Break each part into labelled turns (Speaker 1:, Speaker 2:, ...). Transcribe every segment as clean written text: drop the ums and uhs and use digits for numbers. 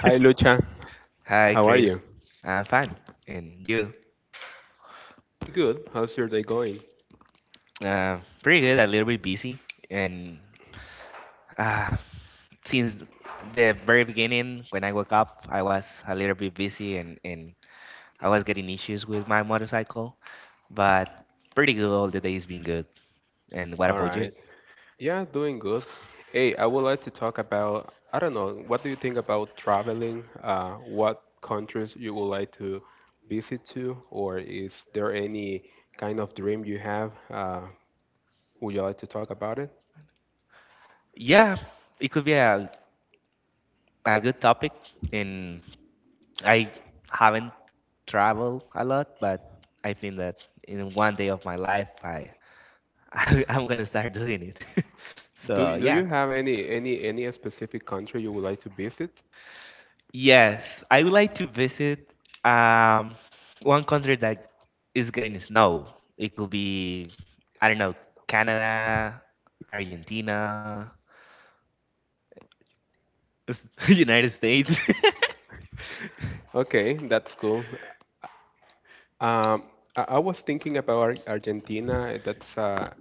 Speaker 1: Hi Lucha,
Speaker 2: Hi,
Speaker 1: how are
Speaker 2: Chris.
Speaker 1: you?
Speaker 2: I'm fine. And you?
Speaker 1: Good. How's your day going?
Speaker 2: Uh, Pretty good, a little bit busy. And uh, since the very beginning, when I woke up, I was a little bit busy and I was getting issues with my motorcycle. But pretty good, all the day's been good. And what
Speaker 1: All
Speaker 2: about you?
Speaker 1: right. Yeah, doing good. Hey, I would like to talk about, I don't know, what do you think about traveling? What countries you would like to visit to, or is there any kind of dream you have? Would you like to talk about it?
Speaker 2: Yeah, it could be a good topic. And I haven't traveled a lot, but I think that in one day of my life, I'm gonna start doing it.
Speaker 1: Do
Speaker 2: So
Speaker 1: do
Speaker 2: yeah,
Speaker 1: you have any specific country you would like to visit?
Speaker 2: yes, I would like to visit um one country that is getting snow. It could be, I don't know, Canada, Argentina, United States.
Speaker 1: Okay, that's cool. Um, I was thinking about Argentina. That's a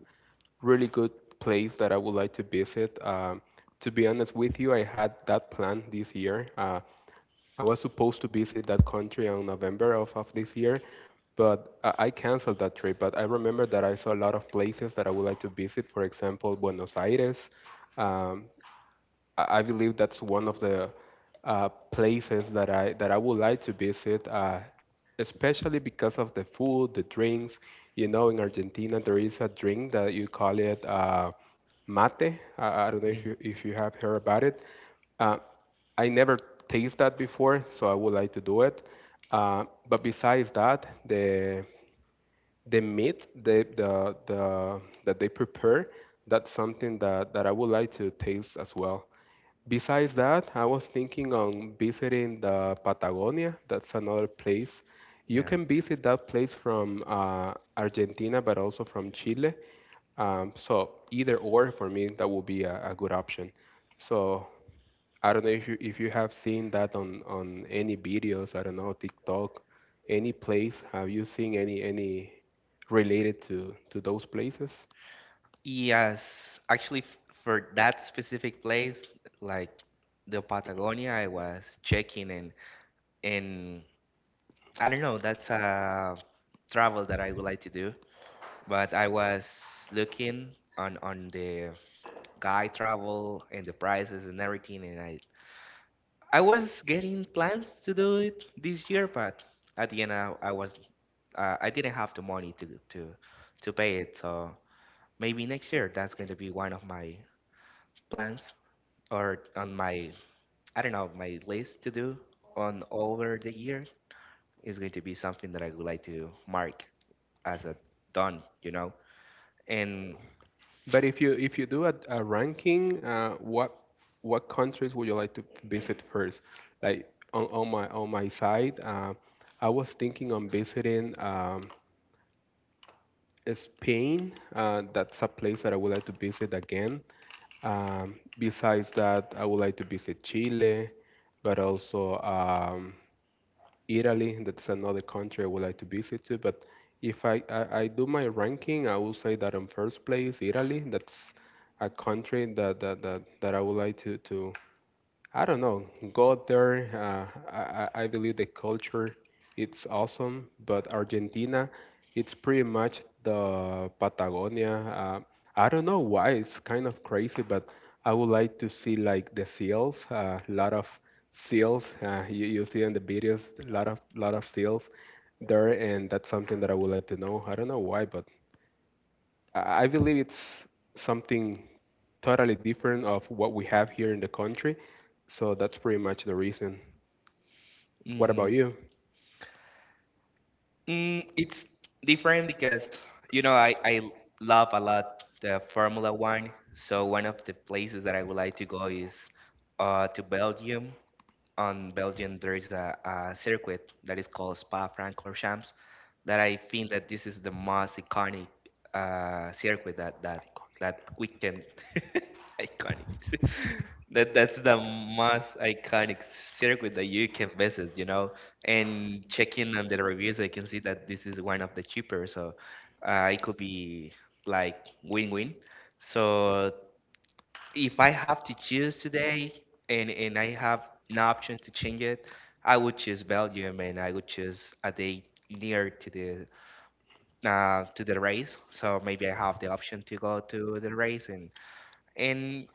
Speaker 1: really good place that I would like to visit. To be honest with you, I had that plan this year. I was supposed to visit that country on November of this year, but I canceled that trip. But I remember that I saw a lot of places that I would like to visit. For example, Buenos Aires. Um, I believe that's one of the places that I would like to visit, especially because of the food, the drinks. You know, in Argentina there is a drink that you call it mate. I don't know
Speaker 2: Mm,
Speaker 1: if you have heard about it. Uh, I never taste that before, so I would like to do it. But besides that, the meat the that they prepare, that's something that I would like to taste as well. Besides that, I was thinking on visiting the Patagonia. That's another place. You
Speaker 2: yeah.
Speaker 1: can visit that place from Argentina, but also from Chile. So either or for me, that would be a good option. So I don't know if you have seen that on any videos. I don't know, TikTok, any place. Have you seen any related to those places?
Speaker 2: Yes, actually, for that specific place, like the Patagonia, I was checking and I don't know, that's a travel that I would like to do. But I was looking on the guide travel and the prices and everything, and I was getting plans to do it this year, but at the end I was I didn't have the money to pay it, so maybe next year that's going to be one of my plans or on my, I don't know, my list to do on over the year. Is going to be something that I would like to mark as a done, and.
Speaker 1: But if you do a ranking, what countries would you like to visit first? Like on my side, I was thinking on visiting Spain. That's a place that I would like to visit again. Besides that, I would like to visit Chile, but also Italy, that's another country I would like to visit to. But if I do my ranking, I will say that in first place, Italy. That's a country that I would like to, I don't know. Go there. I believe the culture, it's awesome. But Argentina, it's pretty much the Patagonia. I don't know why. It's kind of crazy, but I would like to see like the seals. A lot of seals. You, you see in the videos, a lot of seals there, and that's something that I would like to know. I don't know why, but I believe it's something totally different of what we have here in the country. So that's pretty much the reason. What about
Speaker 2: mm,
Speaker 1: you?
Speaker 2: It's different because, you know, I love a lot the Formula One. So one of the places that I would like to go is to Belgium. On Belgium there is a circuit that is called Spa-Francorchamps that I think that this is the most iconic circuit that weekend iconic that's the most iconic circuit that you can visit, and checking on the reviews I can see that this is one of the cheaper, so it could be like win-win. So if I have to choose today and I have an option to change it, I would choose Belgium and I would choose a day near to the race. So maybe I have the option to go to the race and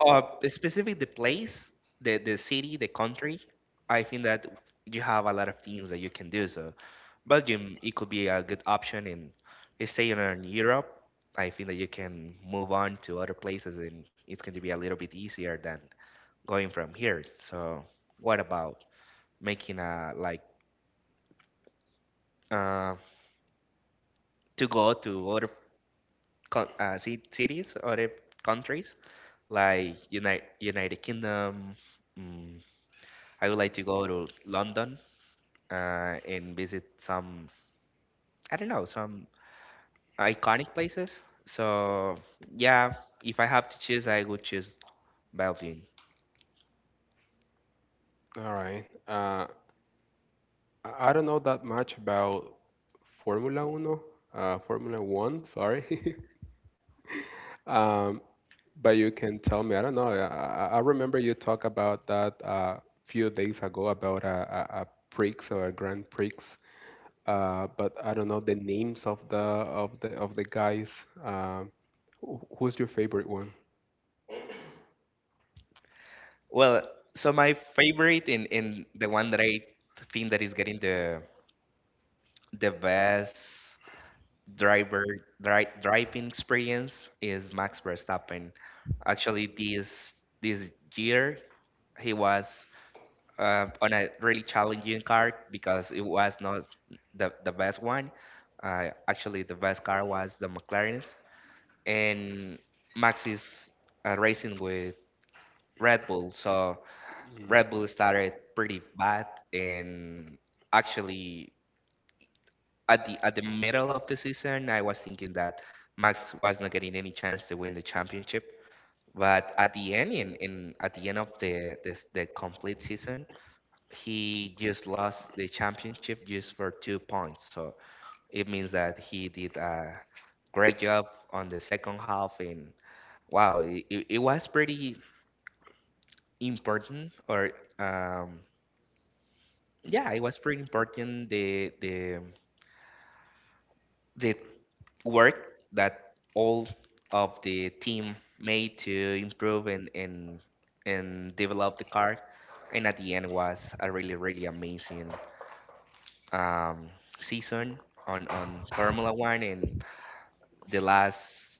Speaker 2: uh, specifically the place, the city, the country. I think that you have a lot of things that you can do. So Belgium, it could be a good option in staying in Europe. I think that you can move on to other places, and it's going to be a little bit easier than going from here. So what about making a like uh, to go to other cities, other countries like United Kingdom? mm, I would like to go to London and visit some, I don't know, some iconic places. So, yeah, if I have to choose, I would choose Belgium.
Speaker 1: All right. I don't know that much about Formula Uno, Formula One, sorry. Um, but you can tell me. I don't know. I remember you talk about that a few days ago about a Prix or a Grand Prix. But I don't know the names of the guys. Uh, who's your favorite one?
Speaker 2: Well, so my favorite and the one that I think that is getting the best driver dri driving experience is Max Verstappen. Actually, this year he was on a really challenging card because it was not the best one. Actually, the best car was the McLaren's, and Max is racing with Red Bull. So
Speaker 1: Mm.
Speaker 2: Red Bull started pretty bad, and actually at the middle of the season, I was thinking that Max was not getting any chance to win the championship. But at the end, in at the end of the complete season, he just lost the championship just for 2 points. So it means that he did a great job on the second half, and wow, it was pretty important. Or um, yeah, it was pretty important the work that all of the team made to improve and develop the car, and at the end was a really really amazing um, season on Formula One, and the last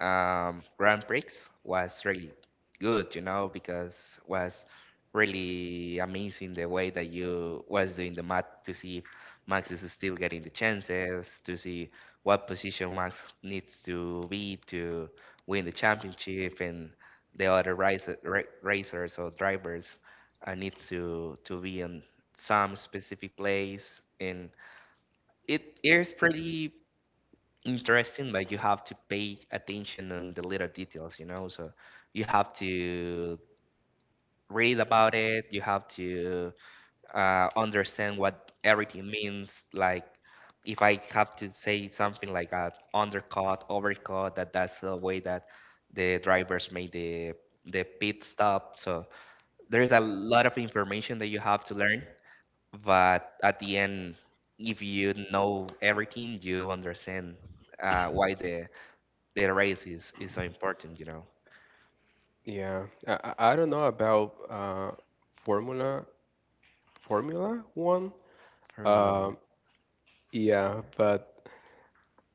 Speaker 2: Grand Prix was really good, because was really amazing the way that you was doing the math to see if Max is still getting the chances, to see what position Max needs to be to win the championship, and the other racers or drivers needs to be in some specific place and it is pretty interesting, but you have to pay attention on the little details. So you have to read about it. You have to understand what everything means. Like if I have to say something like a undercut, overcut, that's the way that the drivers made the pit stop. So there's a lot of information that you have to learn, but at the end, if you know everything, you understand why the race is so important, you know,
Speaker 1: Yeah, I don't know about Formula Formula One.
Speaker 2: Formula One.
Speaker 1: Um, yeah, but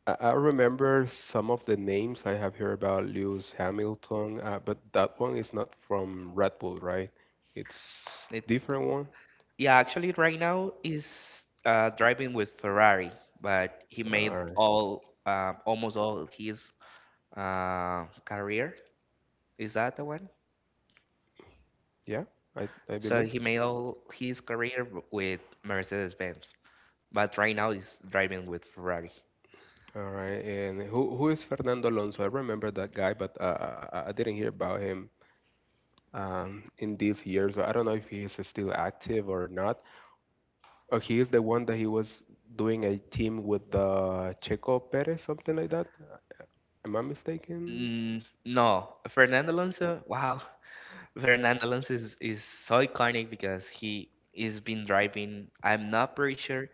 Speaker 1: I remember some of the names I have heard about Lewis Hamilton, but that one is not from Red Bull, right? It's
Speaker 2: It,
Speaker 1: different one.
Speaker 2: yeah, actually, right now is driving with Ferrari, but he made
Speaker 1: All right.
Speaker 2: all almost all his career. Is that the one?
Speaker 1: Yeah, I
Speaker 2: So
Speaker 1: believe.
Speaker 2: he made all his career with Mercedes-Benz, but right now he's driving with Ferrari.
Speaker 1: All right, and who is Fernando Alonso? I remember that guy, but I didn't hear about him in these years. So I don't know if he is still active or not. Or he is the one that he was doing a team with Checo Perez, something like that. Am I mistaken?
Speaker 2: Mm, no, Fernando Alonso. Wow. Fernando Alonso is so iconic because he is been driving, I'm not pretty sure,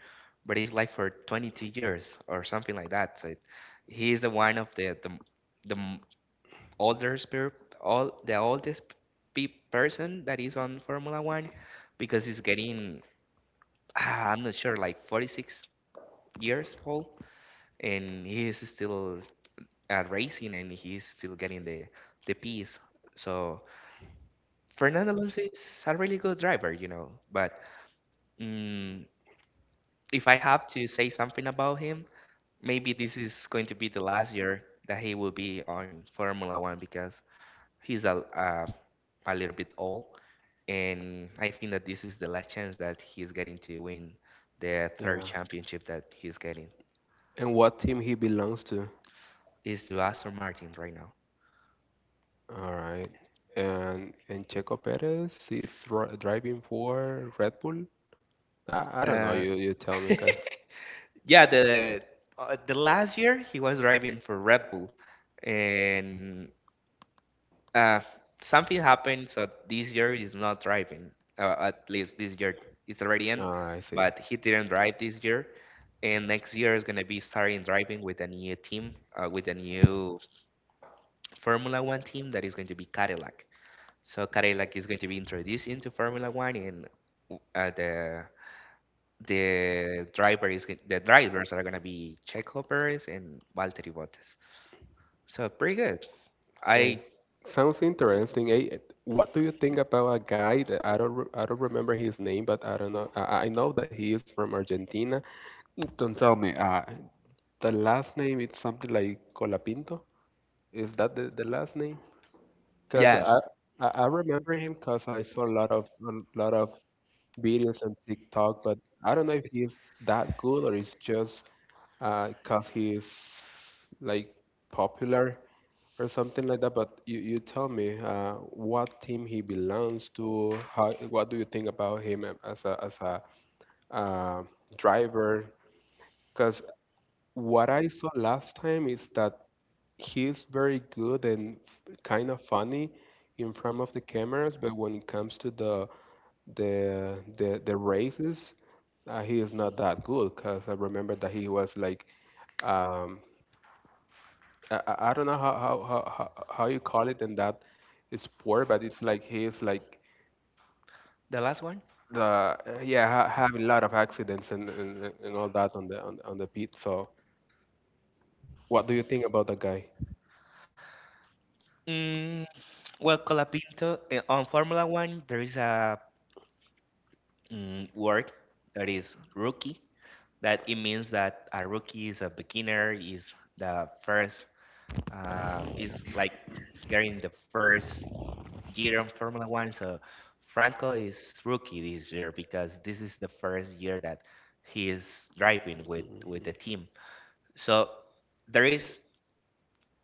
Speaker 2: but it's like for 22 years or something like that. So he is the one of the older spirit, all the oldest pe person that is on Formula One because he's getting, I'm not sure, like 46 years old, and he is still racing and he's still getting the piece. So, Fernando Alonso is a really good driver. But mm, if I have to say something about him, maybe this is going to be the last year that he will be on Formula One because he's a little bit old, and I think that this is the last chance that he's getting to win the third
Speaker 1: Yeah.
Speaker 2: championship that he's getting.
Speaker 1: And what team he belongs to?
Speaker 2: Is to Aston Martin right now.
Speaker 1: All right. And Checo Perez is driving for Red Bull. I don't know.
Speaker 2: Uh,
Speaker 1: You tell me, cause
Speaker 2: yeah, the last year he was driving for Red Bull, and uh, something happened, so this year is not driving. At least this year it's already in,
Speaker 1: ah, I see.
Speaker 2: but he didn't drive this year. And next year is going to be starting driving with a new team, with a new Formula One team that is going to be Cadillac. So Cadillac is going to be introduced into Formula One, and uh, the the drivers are going to be Checo Perez and Valtteri Bottas. So pretty good. I
Speaker 1: And sounds interesting. Eh? What do you think about a guy that I don't remember his name, but I don't know. I know that he is from Argentina. Don't tell me. The last name is something like Colapinto. Is that the last name? Cause
Speaker 2: Yeah,
Speaker 1: I remember him cause I saw a lot of videos on TikTok, but I don't know if he's that good or it's just because he's like popular or something like that. But you tell me, what team he belongs to. How, what do you think about him as a uh, driver? Because what I saw last time is that he's very good and kind of funny in front of the cameras, but when it comes to the the races, he is not that good. Cause I remember that he was like, um, I don't know how, how you call it in that sport, but it's like he is like
Speaker 2: the last one.
Speaker 1: the ha having a lot of accidents and all that on the on the pit. So what do you think about the guy?
Speaker 2: Mm, Well, Colapinto, on Formula One, there is a word that is rookie. That it means that a rookie is a beginner, is the first, is like getting the first year on Formula One. So Franco is rookie this year because this is the first year that he is driving with the
Speaker 1: Mhm.
Speaker 2: team. So there is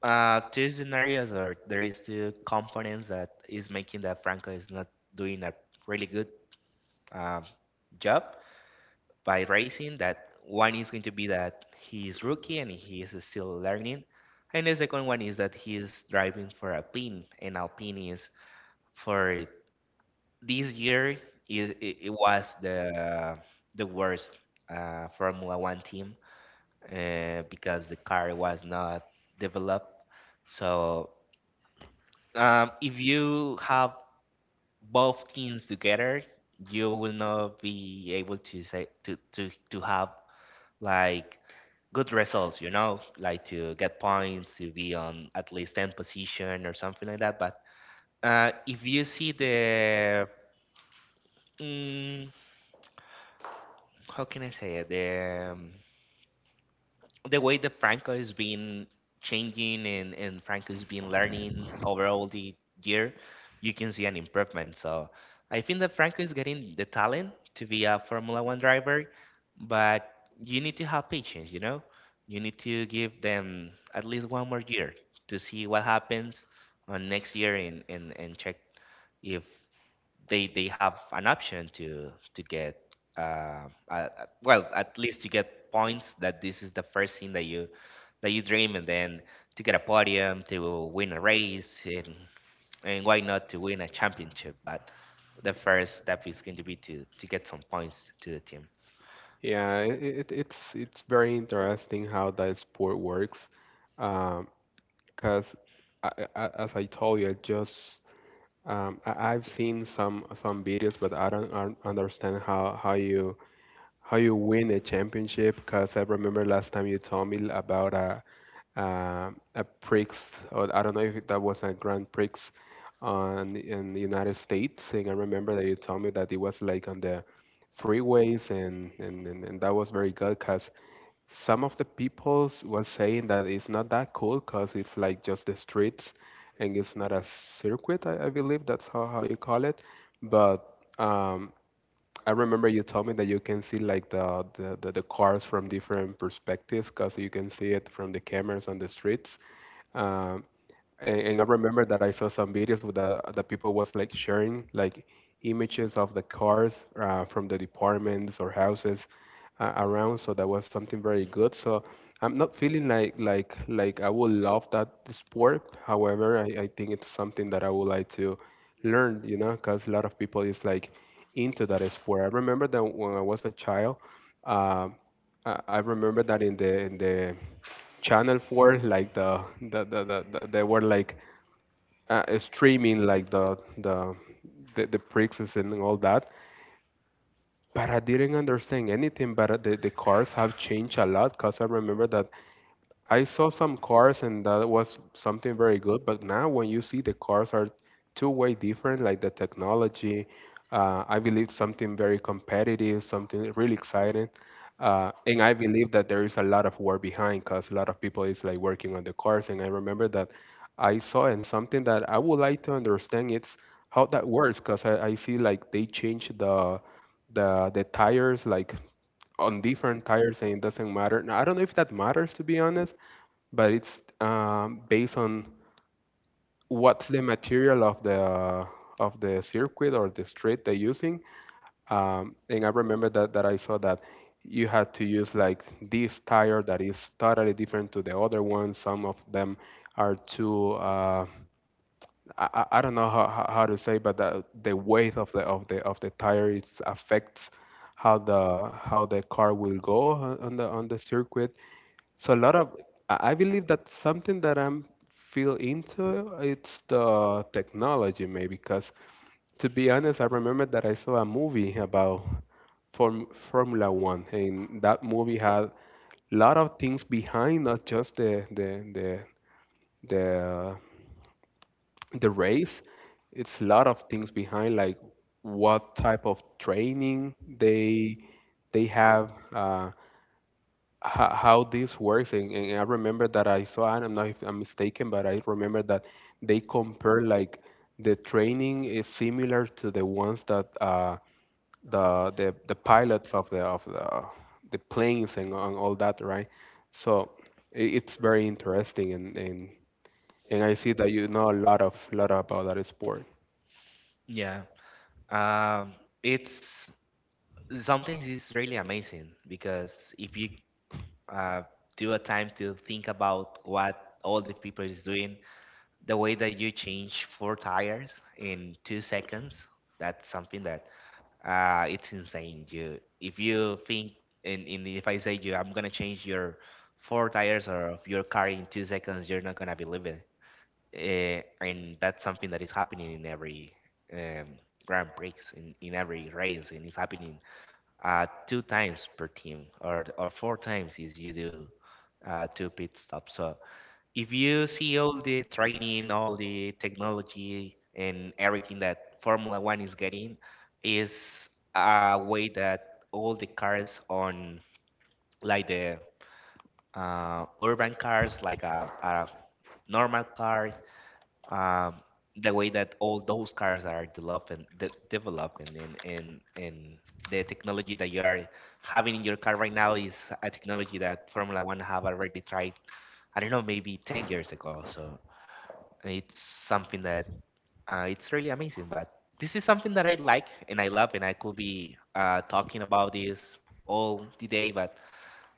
Speaker 2: Two scenarios, or there is two components that is making that Franco is not doing a really good um, job by racing. That one is going to be that he is rookie and he is still learning, and the second one is that he is driving for Alpine, and Alpine is for this year is it was the worst Formula One team because the car was not developed. So if you have both teams together, you will not be able to say to have like good results. Like to get points, to be on at least 10 position or something like that. But if you see the mm, how can I say it? The the way that Franco has been changing and Franco's been learning over all the year, you can see an improvement. So I think that Franco is getting the talent to be a Formula One driver, but you need to have patience, you know? You need to give them at least one more year to see what happens on next year and, and check if they have an option to get uh, uh, well, at least to get points. That this is the first thing that you dream, and then to get a podium, to win a race, and why not to win a championship. But the first step is going to be to get some points to the team.
Speaker 1: Yeah, it's very interesting how that sport works, um, because as I told you, I just I've seen some videos, but I don't understand how how you win a championship. Because I remember last time you told me about a Prix, or I don't know if that was a Grand Prix on in the United States. And I remember that you told me that it was like on the freeways, and that was very good because some of the people was saying that it's not that cool because it's like just the streets, and it's not a circuit. I believe that's how you call it, but. Um, I remember you told me that you can see like the cars from different perspectives because you can see it from the cameras on the streets. Um, and I remember that I saw some videos with the people was like sharing like images of the cars from the departments or houses around. So that was something very good. So I'm not feeling like like I would love that sport. However, I think it's something that I would like to learn, you know, because a lot of people is like into that sport. I remember that when I was a child, um, I remember that in the Channel 4, like the they were like streaming like the prixes and all that. But I didn't understand anything. But the cars have changed a lot because I remember that I saw some cars and that was something very good, but now when you see the cars are two-way different, like the technology, I believe something very competitive, something really exciting. And I believe that there is a lot of work behind because a lot of people is like working on the cars. And I remember that I saw and something that I would like to understand it's how that works because I see like they change the the tires like on different tires and it doesn't matter. Now, I don't know if that matters to be honest, but it's based on what's the material of the circuit or the street they're using. And I remember that I saw that you had to use like this tire that is totally different to the other one. Some of them are too I don't know how, how to say, but the weight of the of the tire, it affects how the car will go on the circuit. So a lot of I believe that something that I'm feel into it's the technology maybe because to be honest, I remember that I saw a movie about Formula One and that movie had a lot of things behind not just the uh, the race. It's a lot of things behind like what type of training they have. How this works, and I remember that I saw, and I'm not if I'm mistaken, but I remember that they compare like the training is similar to the ones that the pilots of the planes and all that, right? So it's very interesting, and I see that you know a lot of lot about that sport.
Speaker 2: Yeah. um it's something is really amazing, because if you uh do a time to think about what all the people is doing, the way that you change four tires in 2 seconds, that's something that it's insane. You, if you think and, if I say you I'm gonna change your four tires or of your car in 2 seconds, you're not gonna believe it. And that's something that is happening in every um grand prix in, every race, and it's happening two times per team, or four times if you do two pit stops. So if you see all the training, all the technology, and everything that Formula One is getting, is a way that all the cars on like the urban cars, like a normal car, um, the way that all those cars are developing, developing, and the technology that you are having in your car right now is a technology that Formula One have already tried. I don't know, maybe 10 years ago. So it's something that it's really amazing, but this is something that I like and I love, and I could be talking about this all the day. But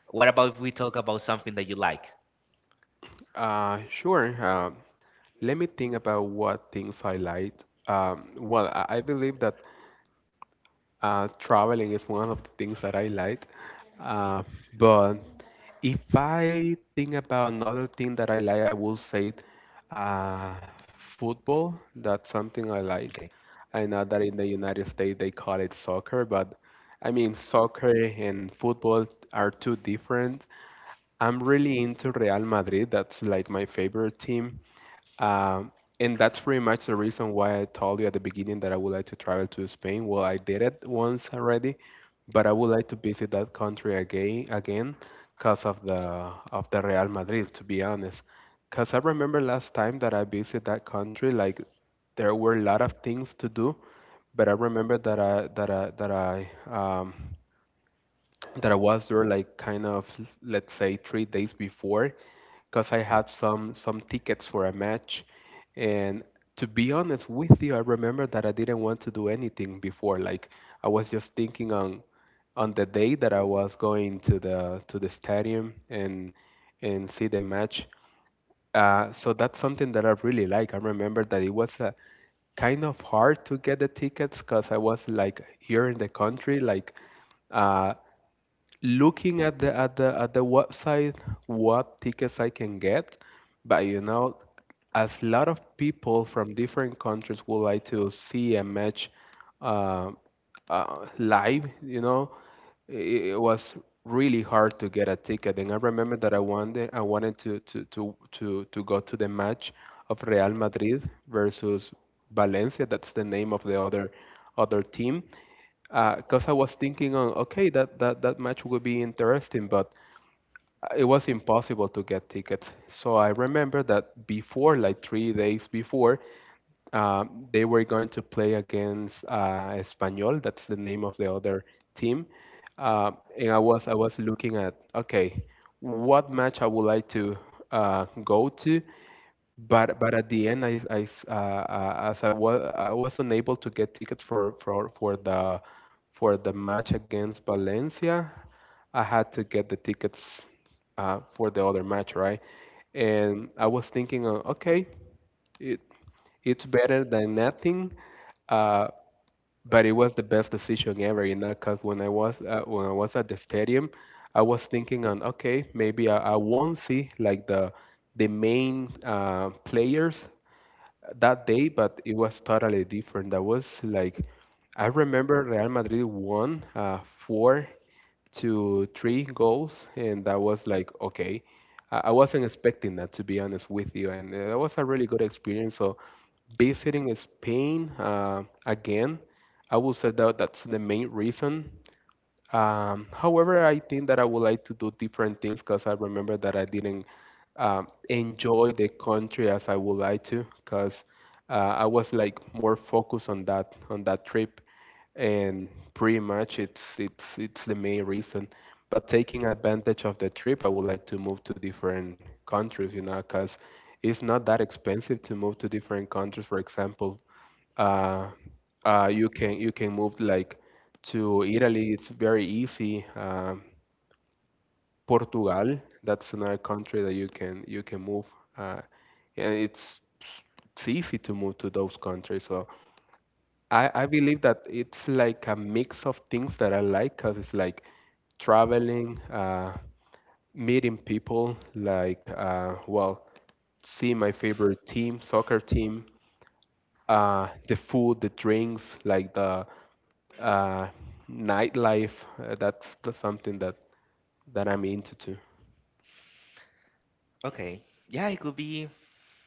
Speaker 2: what about if we talk about something that you like?
Speaker 1: Sure. Let me think about what things I like. Well, I believe that traveling is one of the things that I like. Uh, but if I think about another thing that I like, I will say uh, football. That's something I like.
Speaker 2: Okay.
Speaker 1: I know that in the United States they call it soccer, but I mean, soccer and football are two different. I'm really into Real Madrid. That's like my favorite team. Um, and that's pretty much the reason why I told you at the beginning that I would like to travel to Spain. Well, I did it once already, but I would like to visit that country again, again, because of the Real Madrid, to be honest. Because I remember last time that I visited that country, like there were a lot of things to do, but I remember that I that I was there like, kind of, let's say 3 days before, because I had some tickets for a match. And to be honest with you, I remember that I didn't want to do anything before, like I was just thinking on the day that I was going to the stadium and see the match. So that's something that I really like. I remember that it was a kind of hard to get the tickets because I was like here in the country, like uh, looking at the at the at the website what tickets I can get. But you know, as a lot of people from different countries would like to see a match uh, live, you know, it was really hard to get a ticket. And I remember that I wanted to go to the match of Real Madrid versus Valencia. That's the name of the other other team, because I was thinking on, okay, that match would be interesting, but it was impossible to get tickets. So I remember that before, like 3 days before, they were going to play against Espanyol. That's the name of the other team. Uh, and I was looking at, okay, what match I would like to go to. But at the end, as I was unable to get tickets for the match against Valencia, I had to get the tickets for the other match, right? And I was thinking, okay, it it's better than nothing, uh, but it was the best decision ever, you know, because when I was at the stadium, I was thinking on, okay, maybe I won't see like the main players that day, but it was totally different. That was like I remember Real Madrid won four to three goals, and that was like okay. I wasn't expecting that, to be honest with you, and that was a really good experience. So visiting Spain again, I would say that that's the main reason. However, I think that I would like to do different things, because I remember that I didn't enjoy the country as I would like to, because I was like more focused on that trip, and pretty much it's the main reason. But taking advantage of the trip, I would like to move to different countries, you know, because it's not that expensive to move to different countries. For example, uh, you can move like to Italy. It's very easy. Portugal, that's another country that you can move, uh, and it's easy to move to those countries. So I believe that it's like a mix of things that I like, cause it's like traveling, meeting people, like well, see my favorite team, soccer team, the food, the drinks, like the uh, nightlife. That's something that, that I'm into too.
Speaker 2: Okay. Yeah, it could be,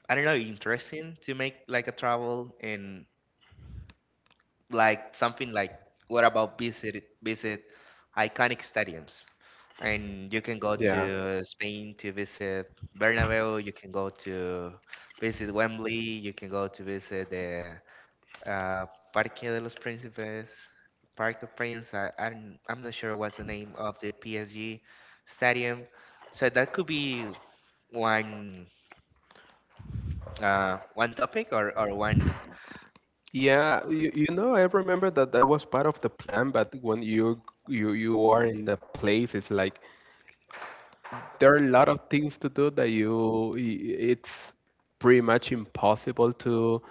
Speaker 2: I don't know, interesting to make like a travel and like something like, what about visit iconic stadiums? And you can go
Speaker 1: Yeah.
Speaker 2: to Spain to visit Bernabeu, you can go to visit Wembley, you can go to visit the uh, Parque de los Príncipes, Park of Prince. I'm not sure what's the name of the PSG stadium. So that could be one one topic, or, one.
Speaker 1: Yeah, you know, I remember that that was part of the plan, but when you are in the place, it's like there are a lot of things to do that it's pretty much impossible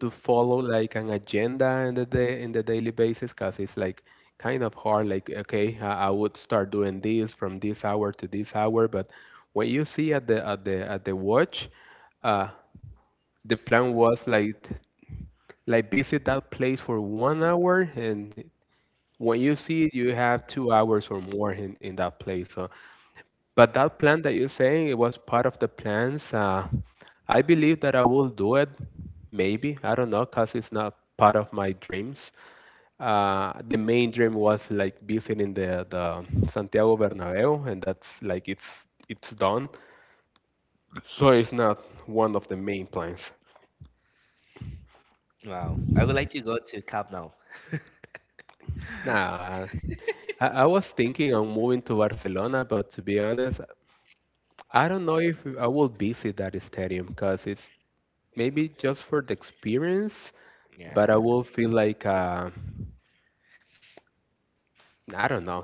Speaker 1: to follow like an agenda in the day, in the daily basis, because it's like kind of hard. Like okay, I would start doing this from this hour to this hour, but when you see at the watch, uh the plan was like visit that place for one hour, and when you see it you have 2 hours or more in that place. So but that plan that you're saying, it was part of the plans. I believe that I will do it, maybe. I don't know, because it's not part of my dreams. The main dream was like visiting the Santiago Bernabeu, and that's like it's done. So it's not one of the main plans.
Speaker 2: Wow, I would like to go to Camp Nou.
Speaker 1: Nah, I was thinking on moving to Barcelona, but to be honest, I don't know if I will visit that stadium, because it's maybe just for the experience, but I
Speaker 2: Yeah.
Speaker 1: will feel like I don't know,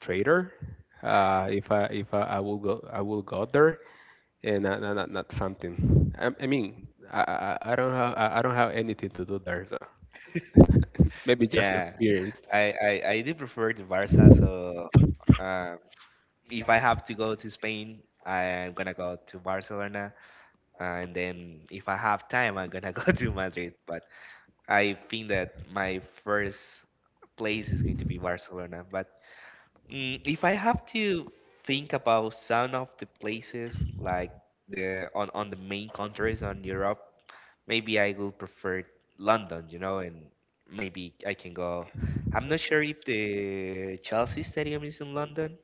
Speaker 1: traitor if I I will go there and not something. I don't have anything to do there, so maybe just
Speaker 2: Yeah,
Speaker 1: experience.
Speaker 2: I do prefer the Barca. So um, if I have to go to Spain, I'm gonna go to Barcelona, and then if I have time, I'm gonna go to Madrid. But I think that my first place is going to be Barcelona. But if I have to think about some of the places like the on the main countries on Europe, maybe I will prefer London, you know, and maybe I can go. I'm not sure if the Chelsea Stadium is in London,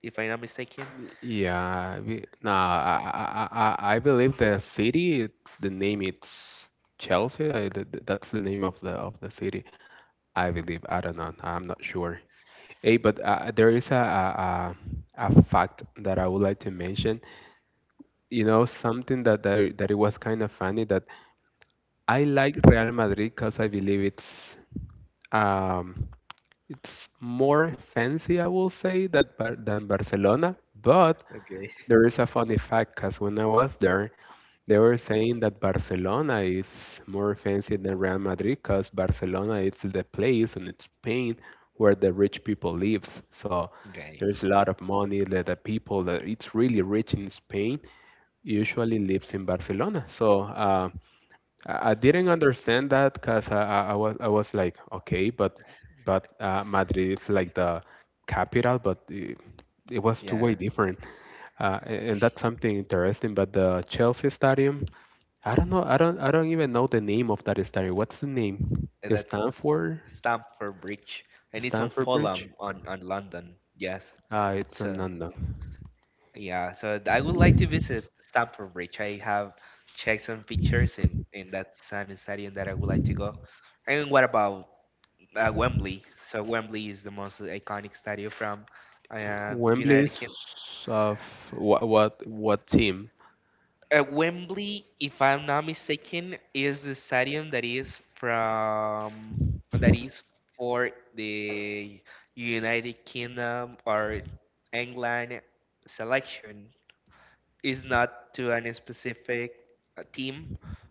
Speaker 2: if I'm not mistaken.
Speaker 1: Yeah, we, no, I believe the city it's, the name it's Chelsea. That's the name of the city. I believe, I don't know, I'm not sure. Hey, but there is a fact that I would like to mention. You know, something that that it was kind of funny that I like Real Madrid, because I believe um it's more fancy, I will say, that Bar than Barcelona. But
Speaker 2: Okay.
Speaker 1: there is a funny fact, because when I was there, they were saying that Barcelona is more fancy than Real Madrid because Barcelona is the place in Spain where the rich people lives. So
Speaker 2: Okay.
Speaker 1: there's a lot of money that the people that it's really rich in Spain usually lives in Barcelona. So I didn't understand that, because I was like okay, but Madrid is like the capital, but it was two-way
Speaker 2: Yeah.
Speaker 1: different, and that's something interesting. But the Chelsea Stadium, I don't know, I don't even know the name of that stadium. What's the name?
Speaker 2: And that's
Speaker 1: Stanford
Speaker 2: Stamford Bridge, and it's on
Speaker 1: Stanford Bridge?
Speaker 2: Fulham, on London. Yes.
Speaker 1: It's in
Speaker 2: So
Speaker 1: London.
Speaker 2: yeah. So I would like to visit Stamford Bridge. I have checked some pictures in that sun stadium that I would like to go. And what about Wembley? So Wembley is the most iconic stadium from
Speaker 1: Wembley
Speaker 2: United
Speaker 1: is
Speaker 2: Kingdom.
Speaker 1: of what team?
Speaker 2: Wembley, if I'm not mistaken, is the stadium that is from, that is for the United Kingdom or England selection. Is not to any specific team.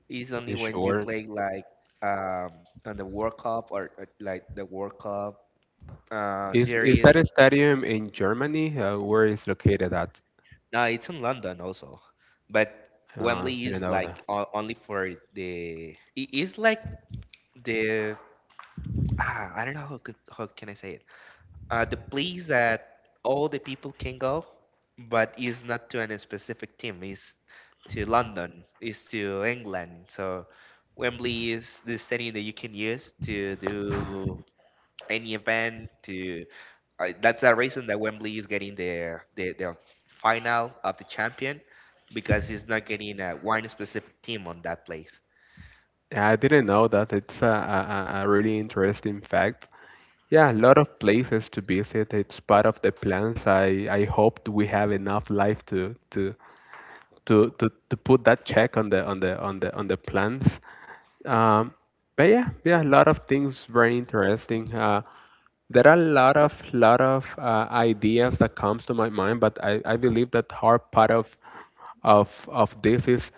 Speaker 2: Is
Speaker 1: You
Speaker 2: only when you
Speaker 1: sure?
Speaker 2: play like um, on the World Cup, or like the World Cup
Speaker 1: Is that
Speaker 2: series.
Speaker 1: a stadium in Germany? Where is located at?
Speaker 2: No, it's in London also, but Wembley
Speaker 1: Didn't
Speaker 2: is
Speaker 1: know that.
Speaker 2: like only for the. It is like the I don't know how could, how can I say it. The place that all the people can go, but is not to any specific team. Is to London. Is to England. So Wembley is the stadium that you can use to do any event to that's the reason that Wembley is getting the final of the champion, because he's not getting a one specific team on that place.
Speaker 1: Yeah, I didn't know that. It's a really interesting fact. Yeah, a lot of places to visit. It's part of the plans. I hoped we have enough life to put that check on the plans. Um, but yeah, yeah, a lot of things very interesting. There are a lot of ideas that comes to my mind, but I believe that hard part of this is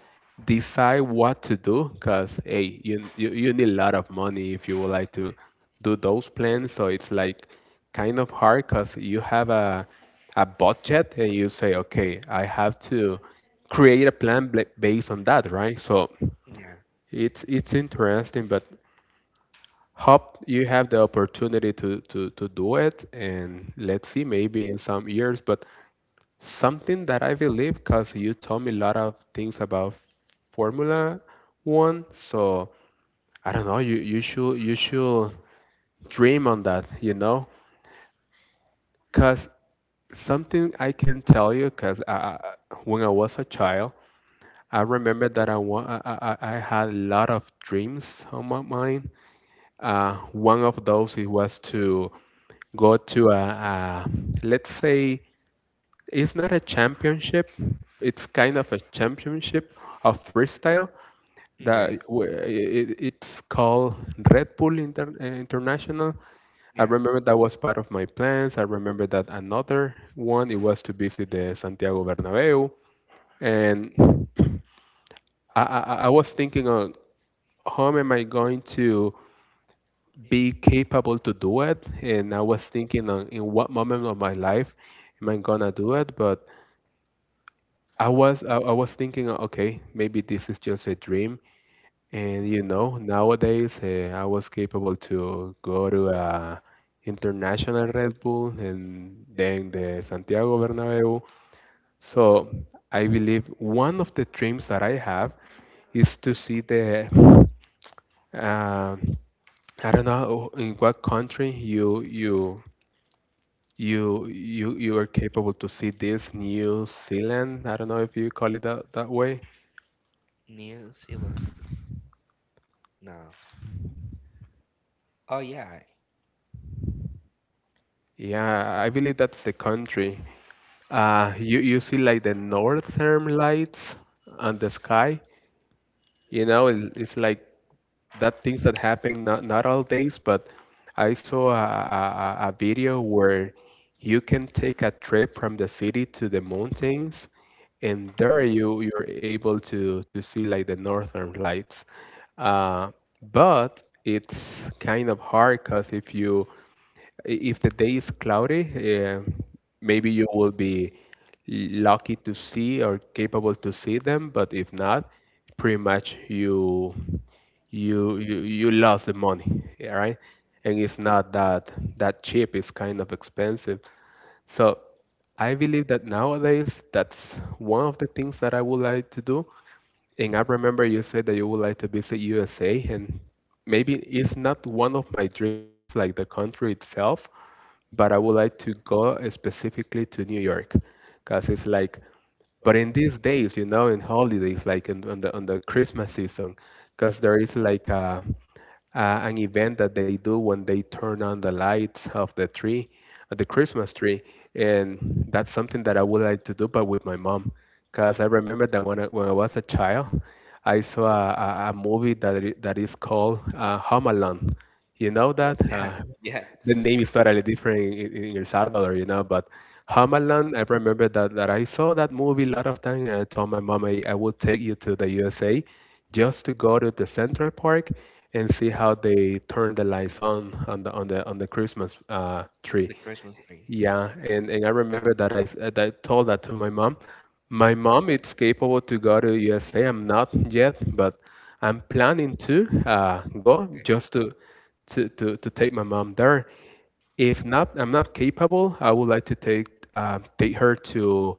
Speaker 1: decide what to do, because hey, you need a lot of money if you would like to do those plans. So it's like kind of hard because you have a budget and you say okay, I have to create a plan based on that, right? So
Speaker 2: Yeah.
Speaker 1: it's interesting, but hope you have the opportunity to do it, and let's see, maybe in some years. But something that I believe, because you told me a lot of things about Formula One, so I don't know. You you should dream on that, you know, because something I can tell you, because when I was a child, I remember that I had a lot of dreams on my mind. One of those it was to go to a, let's say it's not a championship, it's kind of a championship of freestyle
Speaker 2: Okay.
Speaker 1: that it, it's called Red Bull International. I
Speaker 2: Yeah.
Speaker 1: remember that was part of my plans. I remember that another one it was to visit the Santiago Bernabeu, and I was thinking of how am I going to be capable to do it. And I was thinking on in what moment of my life am I gonna do it? But I was thinking, okay, maybe this is just a dream. And you know, nowadays I was capable to go to a international Red Bull and then the Santiago Bernabeu. So I believe one of the dreams that I have is to see the uh, I don't know in what country you are capable to see this, New Zealand. I don't know if you call it that way.
Speaker 2: New Zealand. No. Oh yeah.
Speaker 1: Yeah, I believe that's the country. You you see like the northern lights on the sky. It's like that things that happen not all days, but I saw a, a video where you can take a trip from the city to the mountains, and there you're able to see like the northern lights. Uh, but it's kind of hard because if the day is cloudy, uh, maybe you will be lucky to see or capable to see them, but if not, pretty much you lost the money, yeah, right? And it's not that cheap, it's kind of expensive. So I believe that nowadays that's one of the things that I would like to do. And I remember you said that you would like to visit USA, and maybe it's not one of my dreams, like the country itself, but I would like to go specifically to New York because it's like, but in these days, you know, in holidays, like in, on the Christmas season, because there is like a an event that they do when they turn on the lights of the tree, of the Christmas tree, and that's something that I would like to do, but with my mom, because I remember that when I was a child, I saw a movie that is called Home Alone. You know that?
Speaker 2: Yeah. Yeah.
Speaker 1: The name is totally different in El Salvador, you know. But Homeland, I remember that I saw that movie a lot of time, and I told my mom I would take you to the USA just to go to the Central Park and see how they turn the lights on on the Christmas tree.
Speaker 2: The Christmas tree.
Speaker 1: Yeah, and I remember that that I told that to my mom. My mom is capable to go to USA. I'm not yet, but I'm planning to go
Speaker 2: Okay.
Speaker 1: just to take my mom there. If not, I'm not capable. I would like to take take her to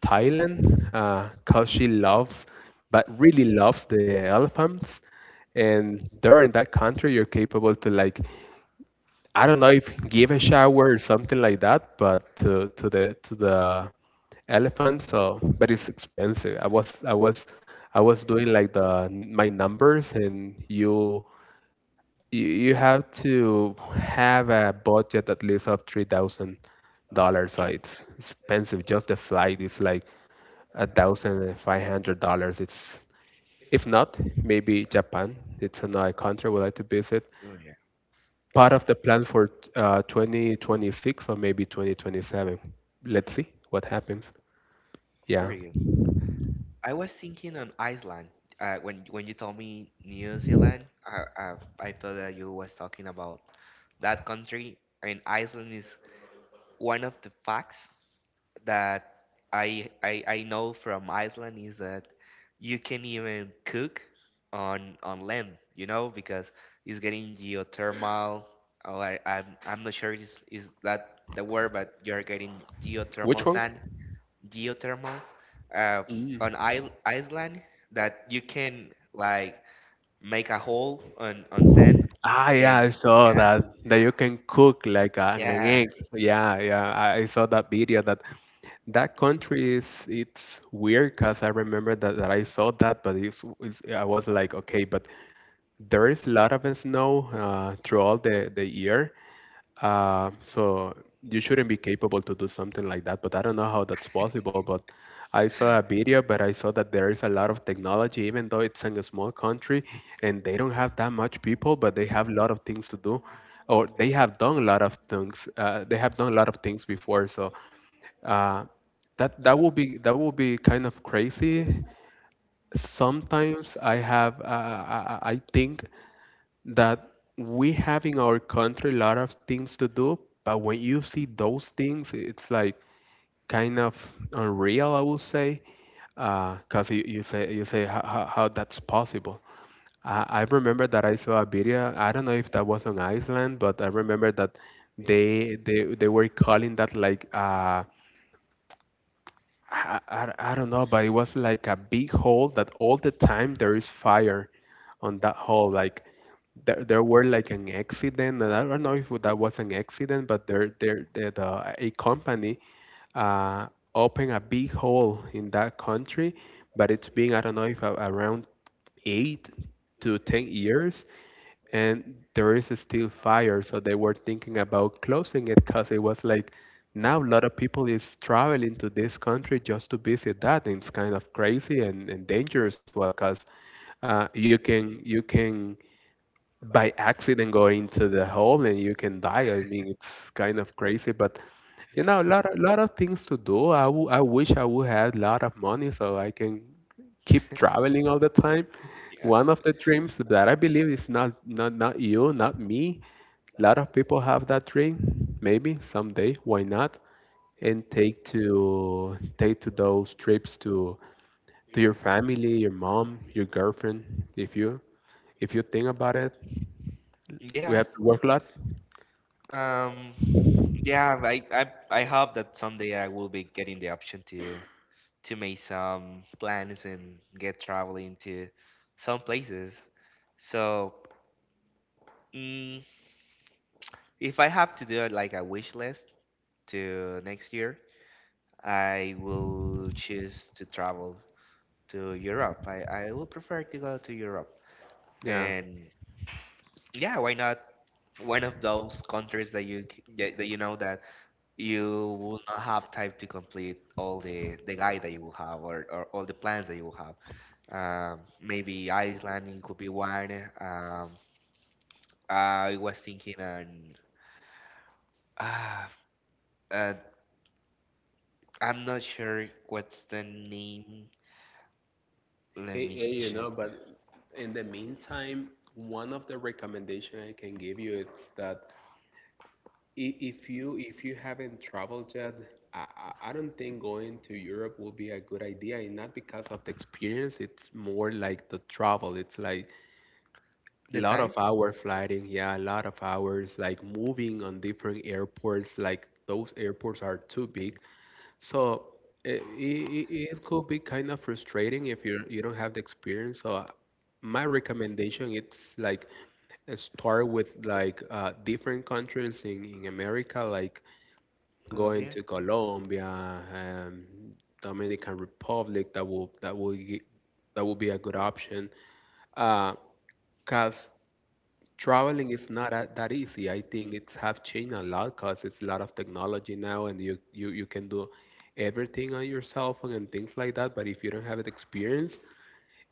Speaker 1: Thailand cause she loves, but really loves the elephants. And there in that country, you're capable to like, I don't know if give a shower or something like that, but to the elephant. So but it's expensive. I was doing like the my numbers and you have to have a budget at least of $3,000. So
Speaker 2: Okay.
Speaker 1: it's expensive. Just the flight is like $1,500. It's, if not, maybe Japan. It's another country we like to visit.
Speaker 2: Oh yeah.
Speaker 1: Part of the plan for 2026 or maybe 2027. Let's see what happens. Yeah.
Speaker 2: Pretty good. I was thinking on Iceland. When you told me New Zealand, I thought that you was talking about that country. And Iceland is one of the facts that I know from Iceland is that you can even cook on land, you know, because it's getting geothermal. Oh, I'm not sure is that the word, but you're getting
Speaker 1: Which
Speaker 2: geothermal
Speaker 1: one?
Speaker 2: sand, geothermal, uh,
Speaker 1: Mm.
Speaker 2: on I Iceland, that you can like make a hole on sand
Speaker 1: Ah, yeah, I
Speaker 2: and
Speaker 1: saw
Speaker 2: yeah,
Speaker 1: that you can cook like an
Speaker 2: yeah
Speaker 1: egg. Yeah, yeah, I saw that video. That that country is, it's weird because I remember that I saw that, but it's, I was like, okay, but there is a lot of snow throughout the year. So you shouldn't be capable to do something like that, but I don't know how that's possible. But I saw a video, but I saw that there is a lot of technology, even though it's in a small country and they don't have that much people, but they have a lot of things to do, or they have done a lot of things. They have done a lot of things before, so uh, that will be, that will be kind of crazy. Sometimes I have I think that we have in our country a lot of things to do, but when you see those things, it's like kind of unreal, I would say, because you say, how, how that's possible. I remember that I saw a video. I don't know if that was on Iceland, but I remember that they were calling that like I don't know, but it was like a big hole that all the time there is fire on that hole. Like there were like an accident, and I don't know if that was an accident, but a company uh, opened a big hole in that country, but it's been, I don't know, if around 8 to 10 years, and there is still fire. So they were thinking about closing it because it was like now a lot of people is traveling to this country just to visit that, and it's kind of crazy, and dangerous as well because you can by accident go into the hole and you can die. I mean, it's kind of crazy, but you know, lot of things to do. I wish I would have a lot of money so I can keep traveling all the time.
Speaker 2: yeah
Speaker 1: One of the dreams that I believe is not you, not me. A lot of people have that dream. Maybe someday, why not? And take to take to those trips to your family, your mom, your girlfriend. If you think about it, we
Speaker 2: yeah.
Speaker 1: have to work a lot.
Speaker 2: Um, Yeah, I hope that someday I will be getting the option to make some plans and get traveling to some places. So, mm, if I have to do it like a wish list to next year, I will choose to travel to Europe. I will prefer to go to Europe.
Speaker 1: Yeah.
Speaker 2: And yeah, why not one of those countries that you that you know that you will not have time to complete all the guide that you will have, or, all the plans that you will have. Maybe Iceland, it could be one. I was thinking on uh, uh I'm not sure what's the name, let
Speaker 1: Hey,
Speaker 2: me
Speaker 1: hey, you
Speaker 2: check
Speaker 1: know, but in the meantime, one of the recommendation I can give you is that if you haven't traveled yet, I don't think going to Europe will be a good idea, and not because of the experience. It's more like the travel. It's like a
Speaker 2: the
Speaker 1: lot of
Speaker 2: time.
Speaker 1: hour flying, yeah, a lot of hours, like moving on different airports. Like those airports are too big,
Speaker 2: Okay,
Speaker 1: so it, it, it could be kind of frustrating if you don't have the experience. So my recommendation it's like start with like different countries in America, like going
Speaker 2: Colombia.
Speaker 1: to Colombia, Dominican Republic. That will gi- that will be a good option. Uh, 'Cause traveling is not a, that easy. I think it's have changed a lot because it's a lot of technology now, and you can do everything on your cell phone and things like that. But if you don't have the experience,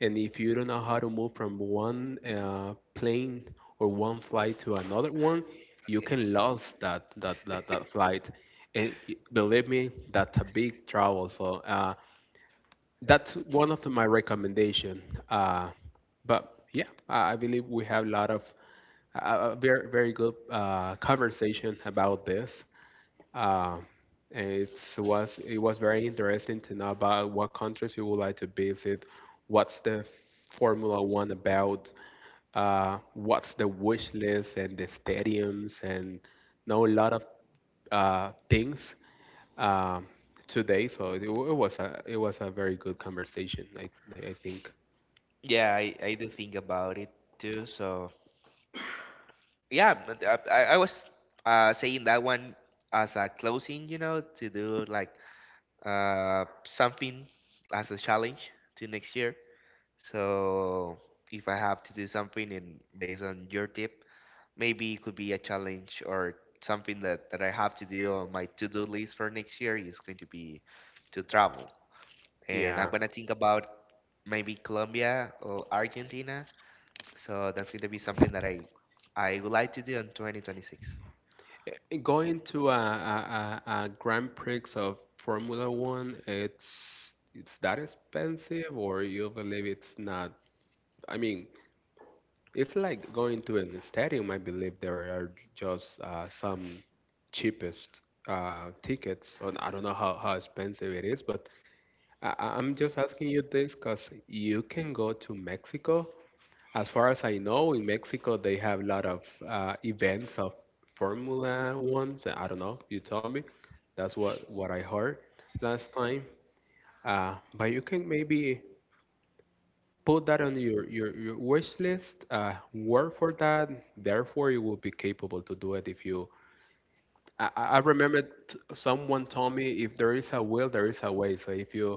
Speaker 1: and if you don't know how to move from one plane or one flight to another one, you
Speaker 2: Okay,
Speaker 1: can lose that flight. And believe me, that's a big trouble. So that's one of my recommendation. Uh, but yeah, I believe we have a lot of very very good conversation about this. Uh, it was it was very interesting to know about what countries you would like to visit, what's the Formula One about, what's the wish list and the stadiums, and know a lot of things um, today. So it was a very good conversation. I think
Speaker 2: yeah, I do think about it too. So yeah, but I was saying that one as a closing, you know, to do like something as a challenge to next year. So if I have to do something and based on your tip, maybe it could be a challenge or something that I have to do on my to-do list for next year is going to be to travel. And I'm
Speaker 1: yeah.
Speaker 2: gonna think about maybe Colombia or Argentina. So that's going to be something that I would like to do in 2026.
Speaker 1: Eh, going to a Grand Prix of Formula One, it's that expensive, or you believe it's not? I mean, it's like going to a stadium. I believe there are just some cheapest tickets. And I don't know how expensive it is, but I'm just asking you this because you can go to Mexico. As far as I know, in Mexico they have a lot of events of Formula One. So I don't know. You tell me. That's what I heard last time. But you can maybe put that on your wish list. Work for that. Therefore, you will be capable to do it if you. I remember someone told me if there is a will, there is a way. So if you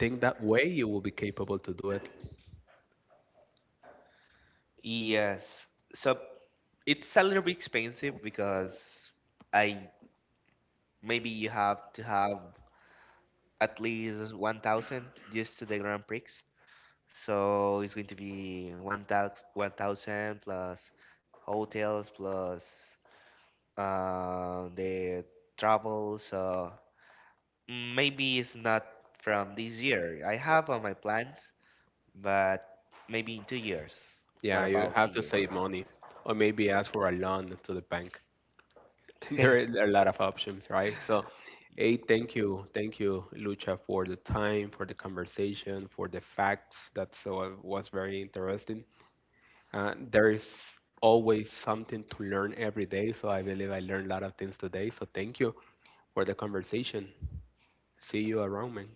Speaker 1: think that way, you will be capable to do it.
Speaker 2: Yes. So it's a little bit expensive, because I maybe you have to have at least 1000 just to the grand prix. So it's going to be 1000 plus hotels plus the travel. So maybe it's not from this year I have on my plans, but maybe in 2 years. What
Speaker 1: Yeah, you
Speaker 2: about two
Speaker 1: have to
Speaker 2: years
Speaker 1: save money or maybe ask for a loan to the bank. There is a lot of options, right? So, hey, thank you, Lucha, for the time, for the conversation, for the facts. That so was very interesting. There is always something to learn every day, so I believe I learned a lot of things today. So, thank you for the conversation. See you around, man.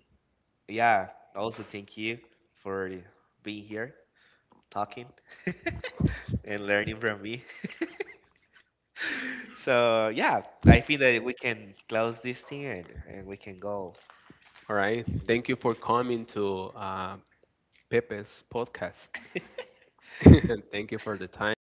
Speaker 2: Yeah. Also thank you for being here talking and learning from me. So yeah, I feel that we can close this thing, and, we can go.
Speaker 1: All right. Thank you for coming to Pepe's podcast. Thank you for the time.